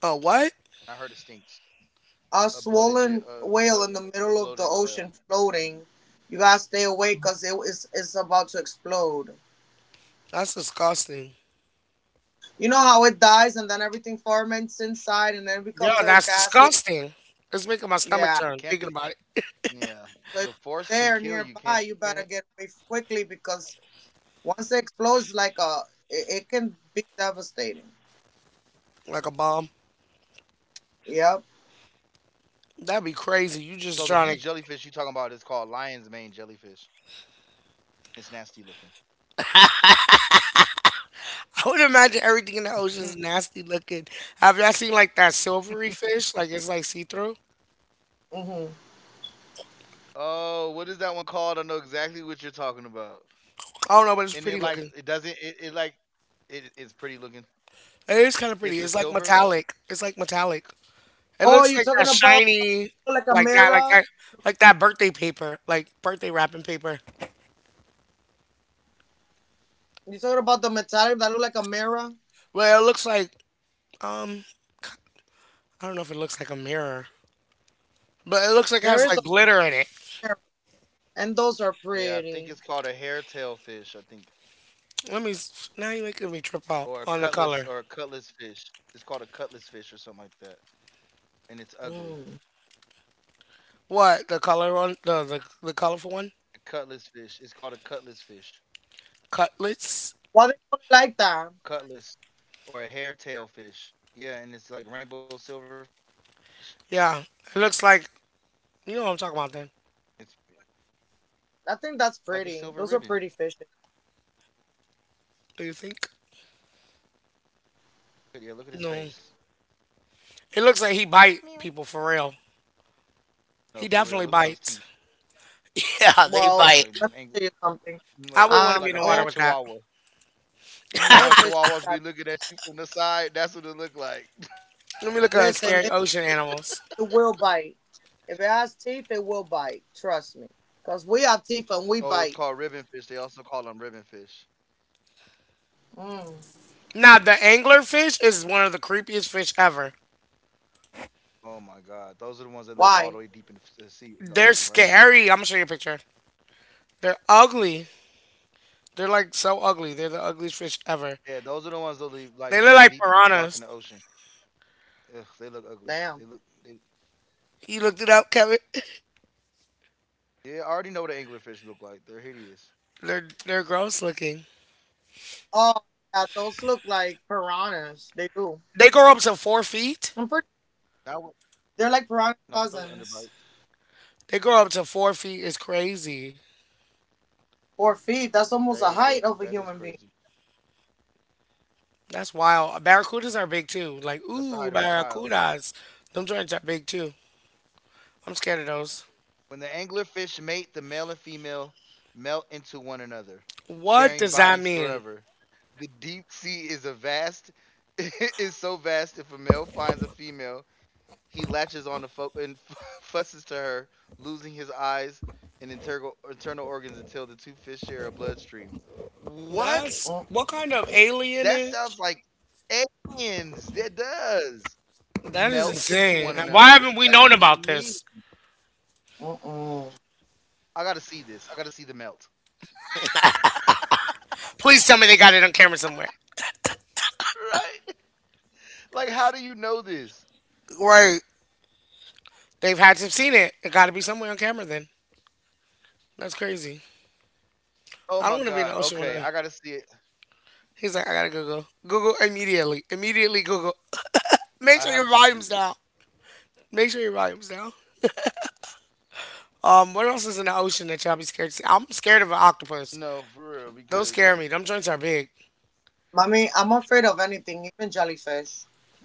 Oh what?
I heard it stinks. A bloated ja uh, uh, a bloated oil.
That's disgusting. Yeah, that's disgusting. It's making my stomach turn thinking
Can't the
about it.
Yeah, the force can kill you? Can't you? Can it?
Like a bomb. That'd be crazy.
So
You
the huge
just trying to.
jellyfish you talking about is called lion's mane jellyfish. It's nasty looking.
I would imagine everything in the ocean is nasty looking. Have y'all seen like that silvery fish? Like it's like see through.
Oh, what is that one called? I know exactly what you're talking about.
I don't know, but it's
And
pretty
it, like,
looking.
it doesn't it, it like it, it's pretty looking.
It is kind of
It's a
pretty. It's like
silverfish.
metallic. It's like metallic. It looks like that shiny, like that, like that, like that birthday paper, like birthday wrapping paper. Well, it looks like um, I don't know if it looks like a mirror, but it looks like it has like glitter in it.
Yeah, I think it's called a hairtail fish. I think,
Let me. S- Now you're making me trip out
or
on the color.
a cutlass fish. It's called a cutlass fish or something like that. And it's ugly.
What the color on the colorful one?
A cutlass fish. It's called a cutlass fish.
Cutlets.
Cutlass, or a hairtail fish. Yeah, and it's like rainbow silverfish.
Yeah, it looks like you know what I'm talking about. Then
It's like a silver ribbon.
do you think?
But yeah, look at his
No,
face.
it looks like he
Like,
bite
meow.
people for real. He
No, for
definitely
real. Look at those
bites.
teeth.
Yeah, they
Like,
bite. I
like
wouldn't
a,
want to be in
like
the
a
water with
bad
that.
chihuahua. You know how chihuahuas be looking at you from the side? That's what it look like.
Let me look at
Like,
scary ocean animals.
oh, it's called ribbon fish. They also call them ribbon fish.
Now, the anglerfish is one of the creepiest fish ever.
Oh my god, those are the ones that live all the way deep in the sea, in the
They're
ocean, right?
scary. I'm gonna show you a picture. They're ugly. They're like so ugly. They're the ugliest fish ever.
Yeah, those are the ones that live,
They
like,
look like
live deep, deep,
piranhas.
dark in the ocean. Ugh, they look ugly. They look.
You looked it up, Kevin.
Yeah, I already know what an anglerfish look like. They're hideous.
They're gross looking. They grow up to 4 feet.
Now, now, but those underbites,
They grow up to 4 feet. It's crazy.
they grow to, that is crazy.
That's wild. Barracudas are big too. Like
That's the height of
ooh,
a child.
barracudas. Them joints are big too. I'm scared of those.
When the anglerfish mate, the male and female melt into one another,
What
sharing
does that
bodies
mean?
forever. The deep sea is a vast is so vast if a male finds a female, he latches on to and fusses to her, losing his eyes and internal organs until the two fish share a bloodstream. What?
That's what kind of alien
That
is?
sounds like aliens. That does.
That is
Melt into
insane.
one
And
another.
why
What
haven't
does
we known
that
about
even mean?
this?
I gotta see this. I gotta see the melt.
Please tell me they got it on camera somewhere.
Right? Like, how do you know this?
Right. They've had to have seen it. It got to be somewhere on camera then. That's crazy.
Oh
I don't
my
want to be in the
god.
ocean when
Okay,
I.
I gotta see it.
He's like, I gotta Google. Google immediately. Immediately Google.
I
Make
have
sure
to
your
see
volume's
this.
down. Make sure your volume's down. What else is in the ocean that y'all be scared to see? I'm scared of an octopus.
No, for real,
Those
because
scare me. Them joints are big.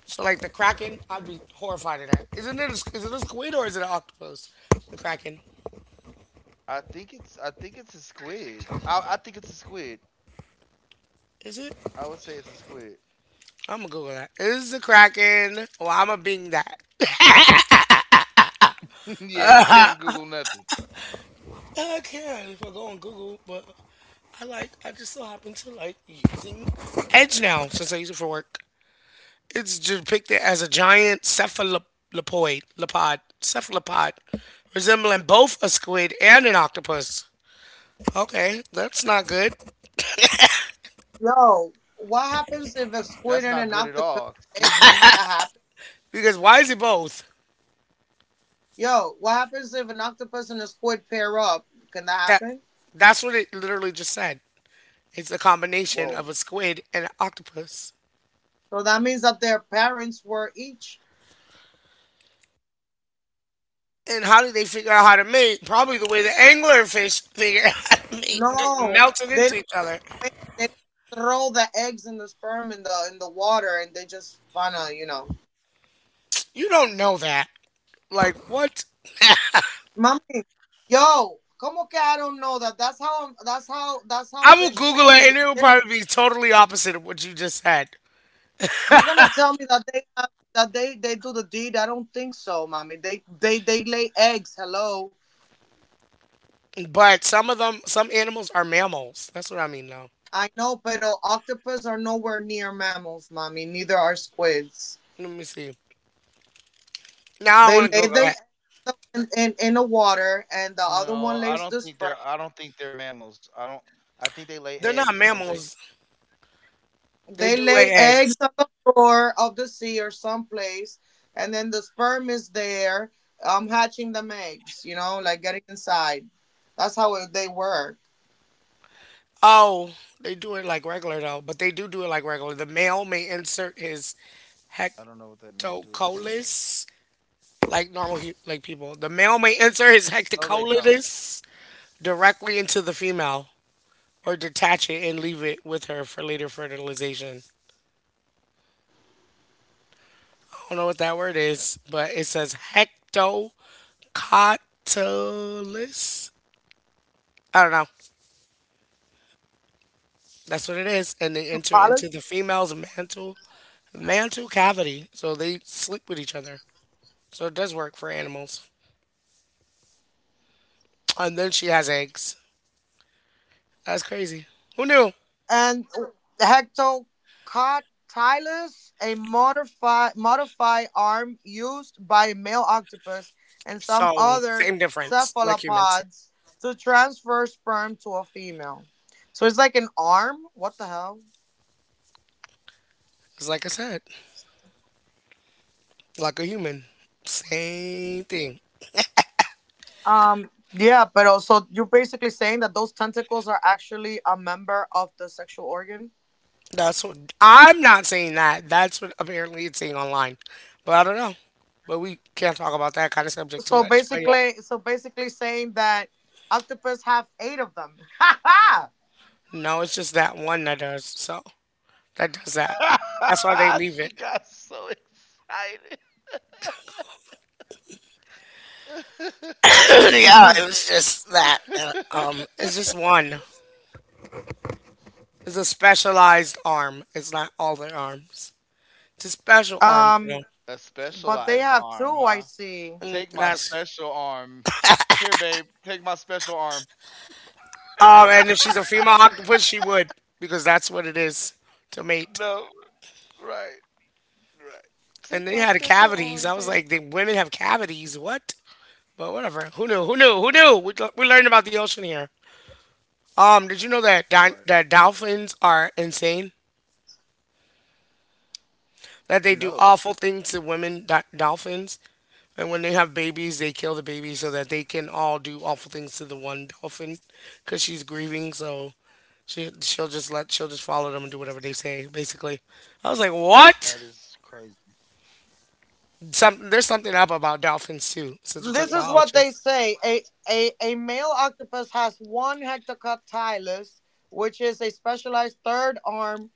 So like the kraken, I'd be horrified of that. Isn't it? A, is it a squid or is it an octopus? The kraken.
I think it's a squid. I think it's a squid.
Is it?
I would say it's a squid.
I'm gonna Google that. Is the kraken? Well, I'm gonna Bing that.
Yeah, you can't Google nothing.
I can if I go on Google, but I like I just so happen to like using Edge now since I use it for work. It's depicted as a giant cephalopoid, lepod, cephalopod, resembling both a squid and an octopus. Okay, that's not good.
That's not good at all. Excuse me.
Because why is it both? That that's what it literally just said. It's a combination of a squid and an octopus. And how did they figure out how to mate? Probably the way the anglerfish figure out how to mate, just melting into each other. You don't know that. Like what? I will Google it, and it will probably be totally opposite of what you just said. But some of them, some animals are mammals. That's what I mean, though. Let me see. Now I want to Google it.
No, I don't think they're mammals. I don't. I think they
They're
lay
not
eggs, don't
mammals.
they?
They do lay eggs. Oh, they do it like regular though, but they do do it like regular. The male may insert his
I don't know what that means. Do it like
hectocolis
regular.
like normal hu- like people. The male may insert his
Oh, they
hectocolis
don't.
directly into the female or detach it and leave it with her for later fertilization. I don't know what that word is, but it says hectocotylus. I don't know. That's what it is, and they enter into the female's mantle cavity, so they sleep with each other. So it does work for animals. And then she has eggs. That's crazy. Who knew? So, same difference, like humans. It's like I said, like a human. Same thing. That's what I'm not saying that. That's what apparently it's saying online. But I don't know. But we can't talk about that kind of subject too much. But yeah.
Right.
No, it's just that one that does. So, that does that. That's why they leave
She
it.
got so excited.
yeah, it was just that. It's just one. It's a specialized arm. It's not all their arms. It's a special arm, you know.
A specialized arm, huh?
Mm,
Take
that's
my special arm. Here, babe, take my special arm.
and if she's a female octopus, she would because that's what it is to mate.
No, right, right.
And they
Take
had
my special
cavities. I was
arm,
like, the
babe.
women have cavities. What? But whatever. Who knew? Who knew? Who knew? We learned about the ocean here. Did you know that that
Right.
dolphins are insane? That they do awful
No,
things to women, dolphins. And when they have babies, they kill the baby so that they can all do awful things to the one dolphin because she's grieving. So she'll just follow them and do whatever they say. Basically, I was like, what?
that is crazy.
Some there's something up about dolphins too. Since we're talking about oceans,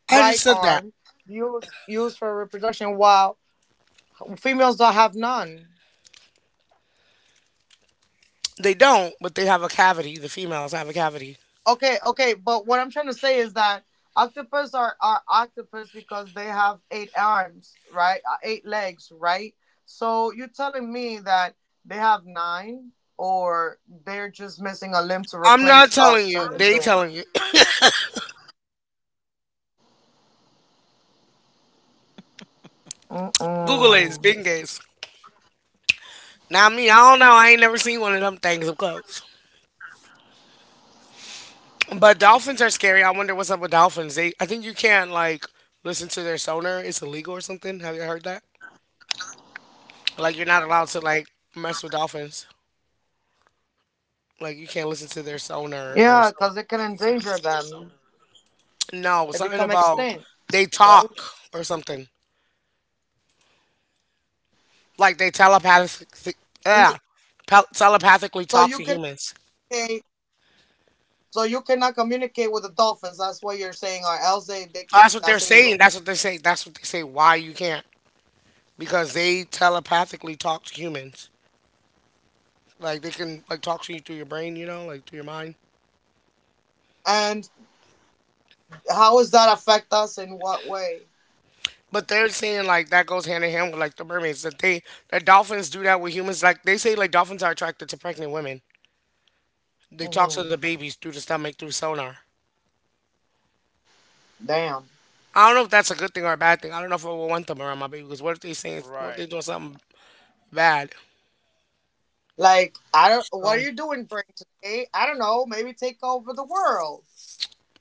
I just said that they don't, but they have a cavity. The females have a cavity. I'm not telling you. They telling you. Google it. It's big gaze. Now me, I don't know. I ain't never seen one of them things up close. But dolphins are scary. I wonder what's up with dolphins. They, I think you can't like listen to their sonar. It's illegal or something. Have you heard that? Like you're not allowed to like mess with dolphins. Like you can't listen to their sonar or something. No, something about they talk or something. Like they telepathic, yeah, telepathically talk to humans. That's what they're saying. That's what they say. That's what they say. Why you can't? Because they telepathically talk to humans. Like they can like talk to you through your brain. You know, like through your mind. But they're saying like that goes hand in hand with like the mermaids that they that dolphins do that with humans. Like they say like dolphins are attracted to pregnant women. They talk to the babies through the stomach through sonar. I don't know if that's a good thing or a bad thing. I don't know if I would want them around my baby because what if they saying what if they doing
Right.
something bad? So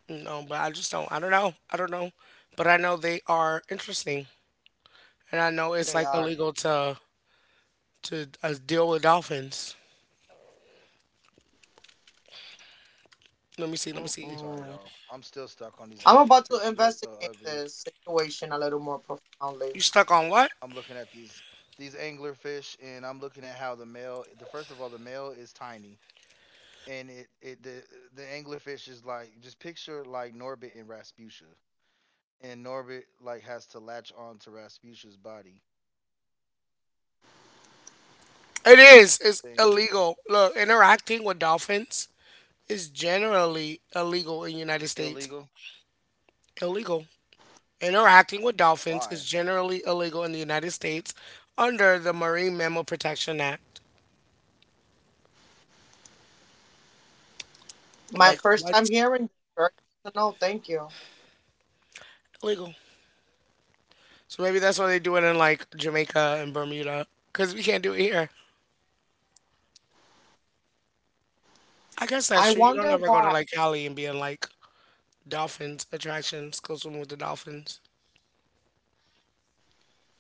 no, but I just don't. I don't know. I don't know. But I know they are interesting, and I know it's like illegal to deal with dolphins. Let me see. Let me see.
Sorry, y'all. I'm still stuck on these anglerfish. They're so ugly.
You stuck on what?
I'm looking at these anglerfish, and I'm looking at how the male. The first of all, the male is tiny, and it the anglerfish is like, just picture like Norbit and Rasputia, and Norbit like has to latch on to Rasputin's body.
It is. It's illegal.
Thing.
Look, interacting with dolphins is generally illegal in the United States.
Illegal?
Illegal. Interacting with dolphins is
Why?
generally illegal in the United States under the Marine Mammal Protection Act. Like, what? Illegal. So maybe that's why they do it in like Jamaica and Bermuda because we can't do it here. I guess that's true. You don't ever go to like Cali and be in like dolphins attractions, go swimming with the dolphins.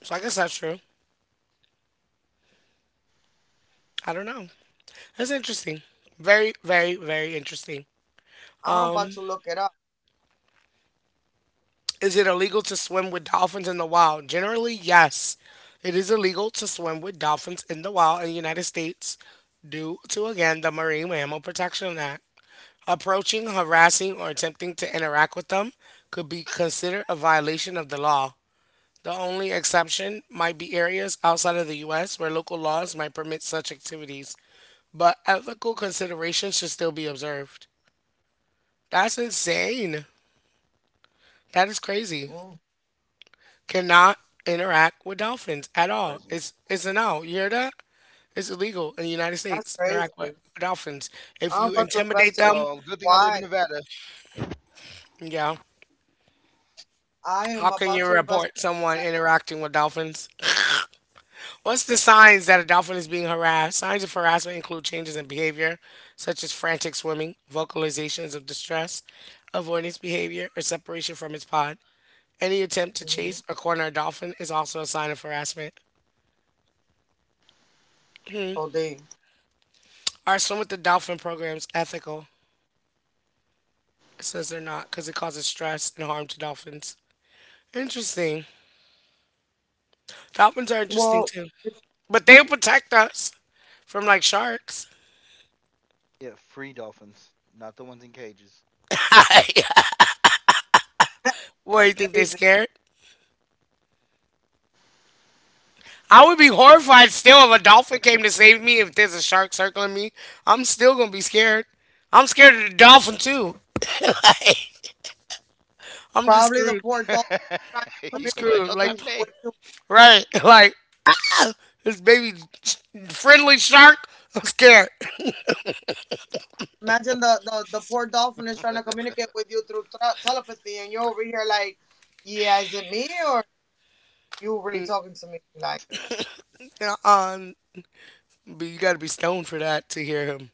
So I guess that's true. I don't know. That's interesting. Very, very, very interesting. Is it illegal to swim with dolphins in the wild? Generally, yes. It is illegal to swim with dolphins in the wild in the United States due to, again, the Marine Mammal Protection Act. Approaching, harassing, or attempting to interact with them could be considered a violation of the law. The only exception might be areas outside of the U.S. where local laws might permit such activities, but ethical considerations should still be observed. That's insane. That is crazy. Cannot interact with dolphins at all.
That's
It's
crazy.
it's a no. You hear that? It's illegal in the United States to interact with dolphins. If you intimidate them,
Well, good thing I live in Nevada.
yeah. How can you report someone interacting with dolphins? What's the signs that a dolphin is being harassed? Signs of harassment include changes in behavior, such as frantic swimming, vocalizations of distress, avoidance behavior, or separation from its pod. Any attempt to chase or corner a dolphin is also a sign of harassment. Are swim with the dolphin programs ethical? It says they're not because it causes stress and harm to dolphins. Interesting. Dolphins are interesting too, but they protect us from like sharks.
Yeah, free dolphins, not the ones in cages.
What you think? They scared? I would be horrified still if a dolphin came to save me. If there's a shark circling me, I'm still gonna be scared. I'm scared of the dolphin too. I'm just screwed.
You gonna be like, don't touch me.
I'm screwed. Like, right? Like this baby friendly shark. I'm scared. Uh, um, but you gotta be stoned for that to hear him.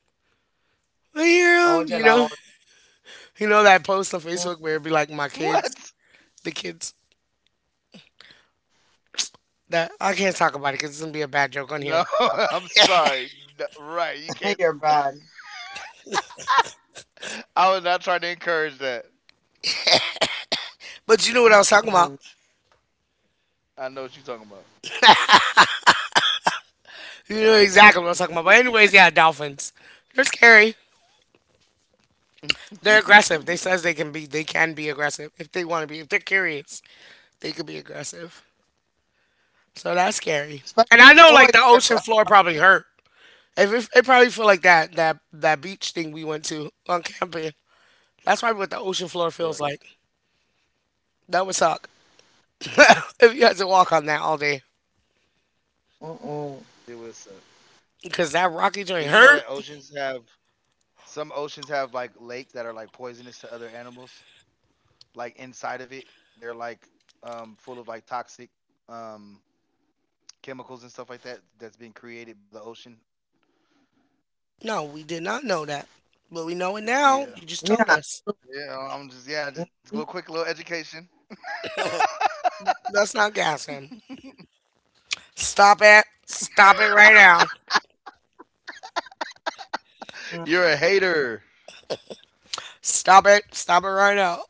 I hear him. You know, you know that post on Facebook where it'd be like my
What?
kids, the kids that I can't talk about it because it's gonna be a bad joke on
No,
here.
I'm sorry. No, right, you can't. I was not trying to encourage that.
But you know what I was talking about.
I know what you're talking about.
You know exactly what I was talking about. But anyways, yeah, dolphins. They're scary. They're aggressive. They says they can be. They can be aggressive if they want to be. If they're curious, they could be aggressive. So that's scary. And I know like the ocean floor probably hurt. If it, it probably feel like that that beach thing we went to on camping. That's probably what the ocean floor feels
Right.
like. That would suck if you had to walk on that all day.
It was.
Because that Rocky joint
Did you know
hurt.
that oceans have Some oceans have like lakes that are like poisonous to other animals. Like, inside of it, they're like, full of like toxic um, chemicals and stuff like that that's being created by the ocean.
No, we did not know that. But we know it now. You
Yeah,
just told us.
yeah. I'm just Yeah, just a little quick little education.
Let's not gas him. Stop it. Stop it right now.
You're a hater.
Stop it. Stop it right now.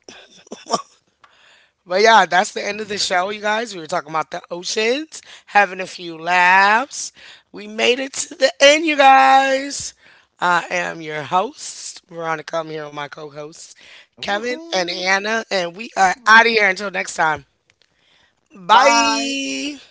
But yeah, that's the end of the show, you guys. We were talking about the oceans, having a few laughs. We made it to the end, you guys. I am your host, Veronica.
Woohoo!
I'm here with my co hosts, Kevin and Anna. And we are out of here until next time. Bye.
Bye.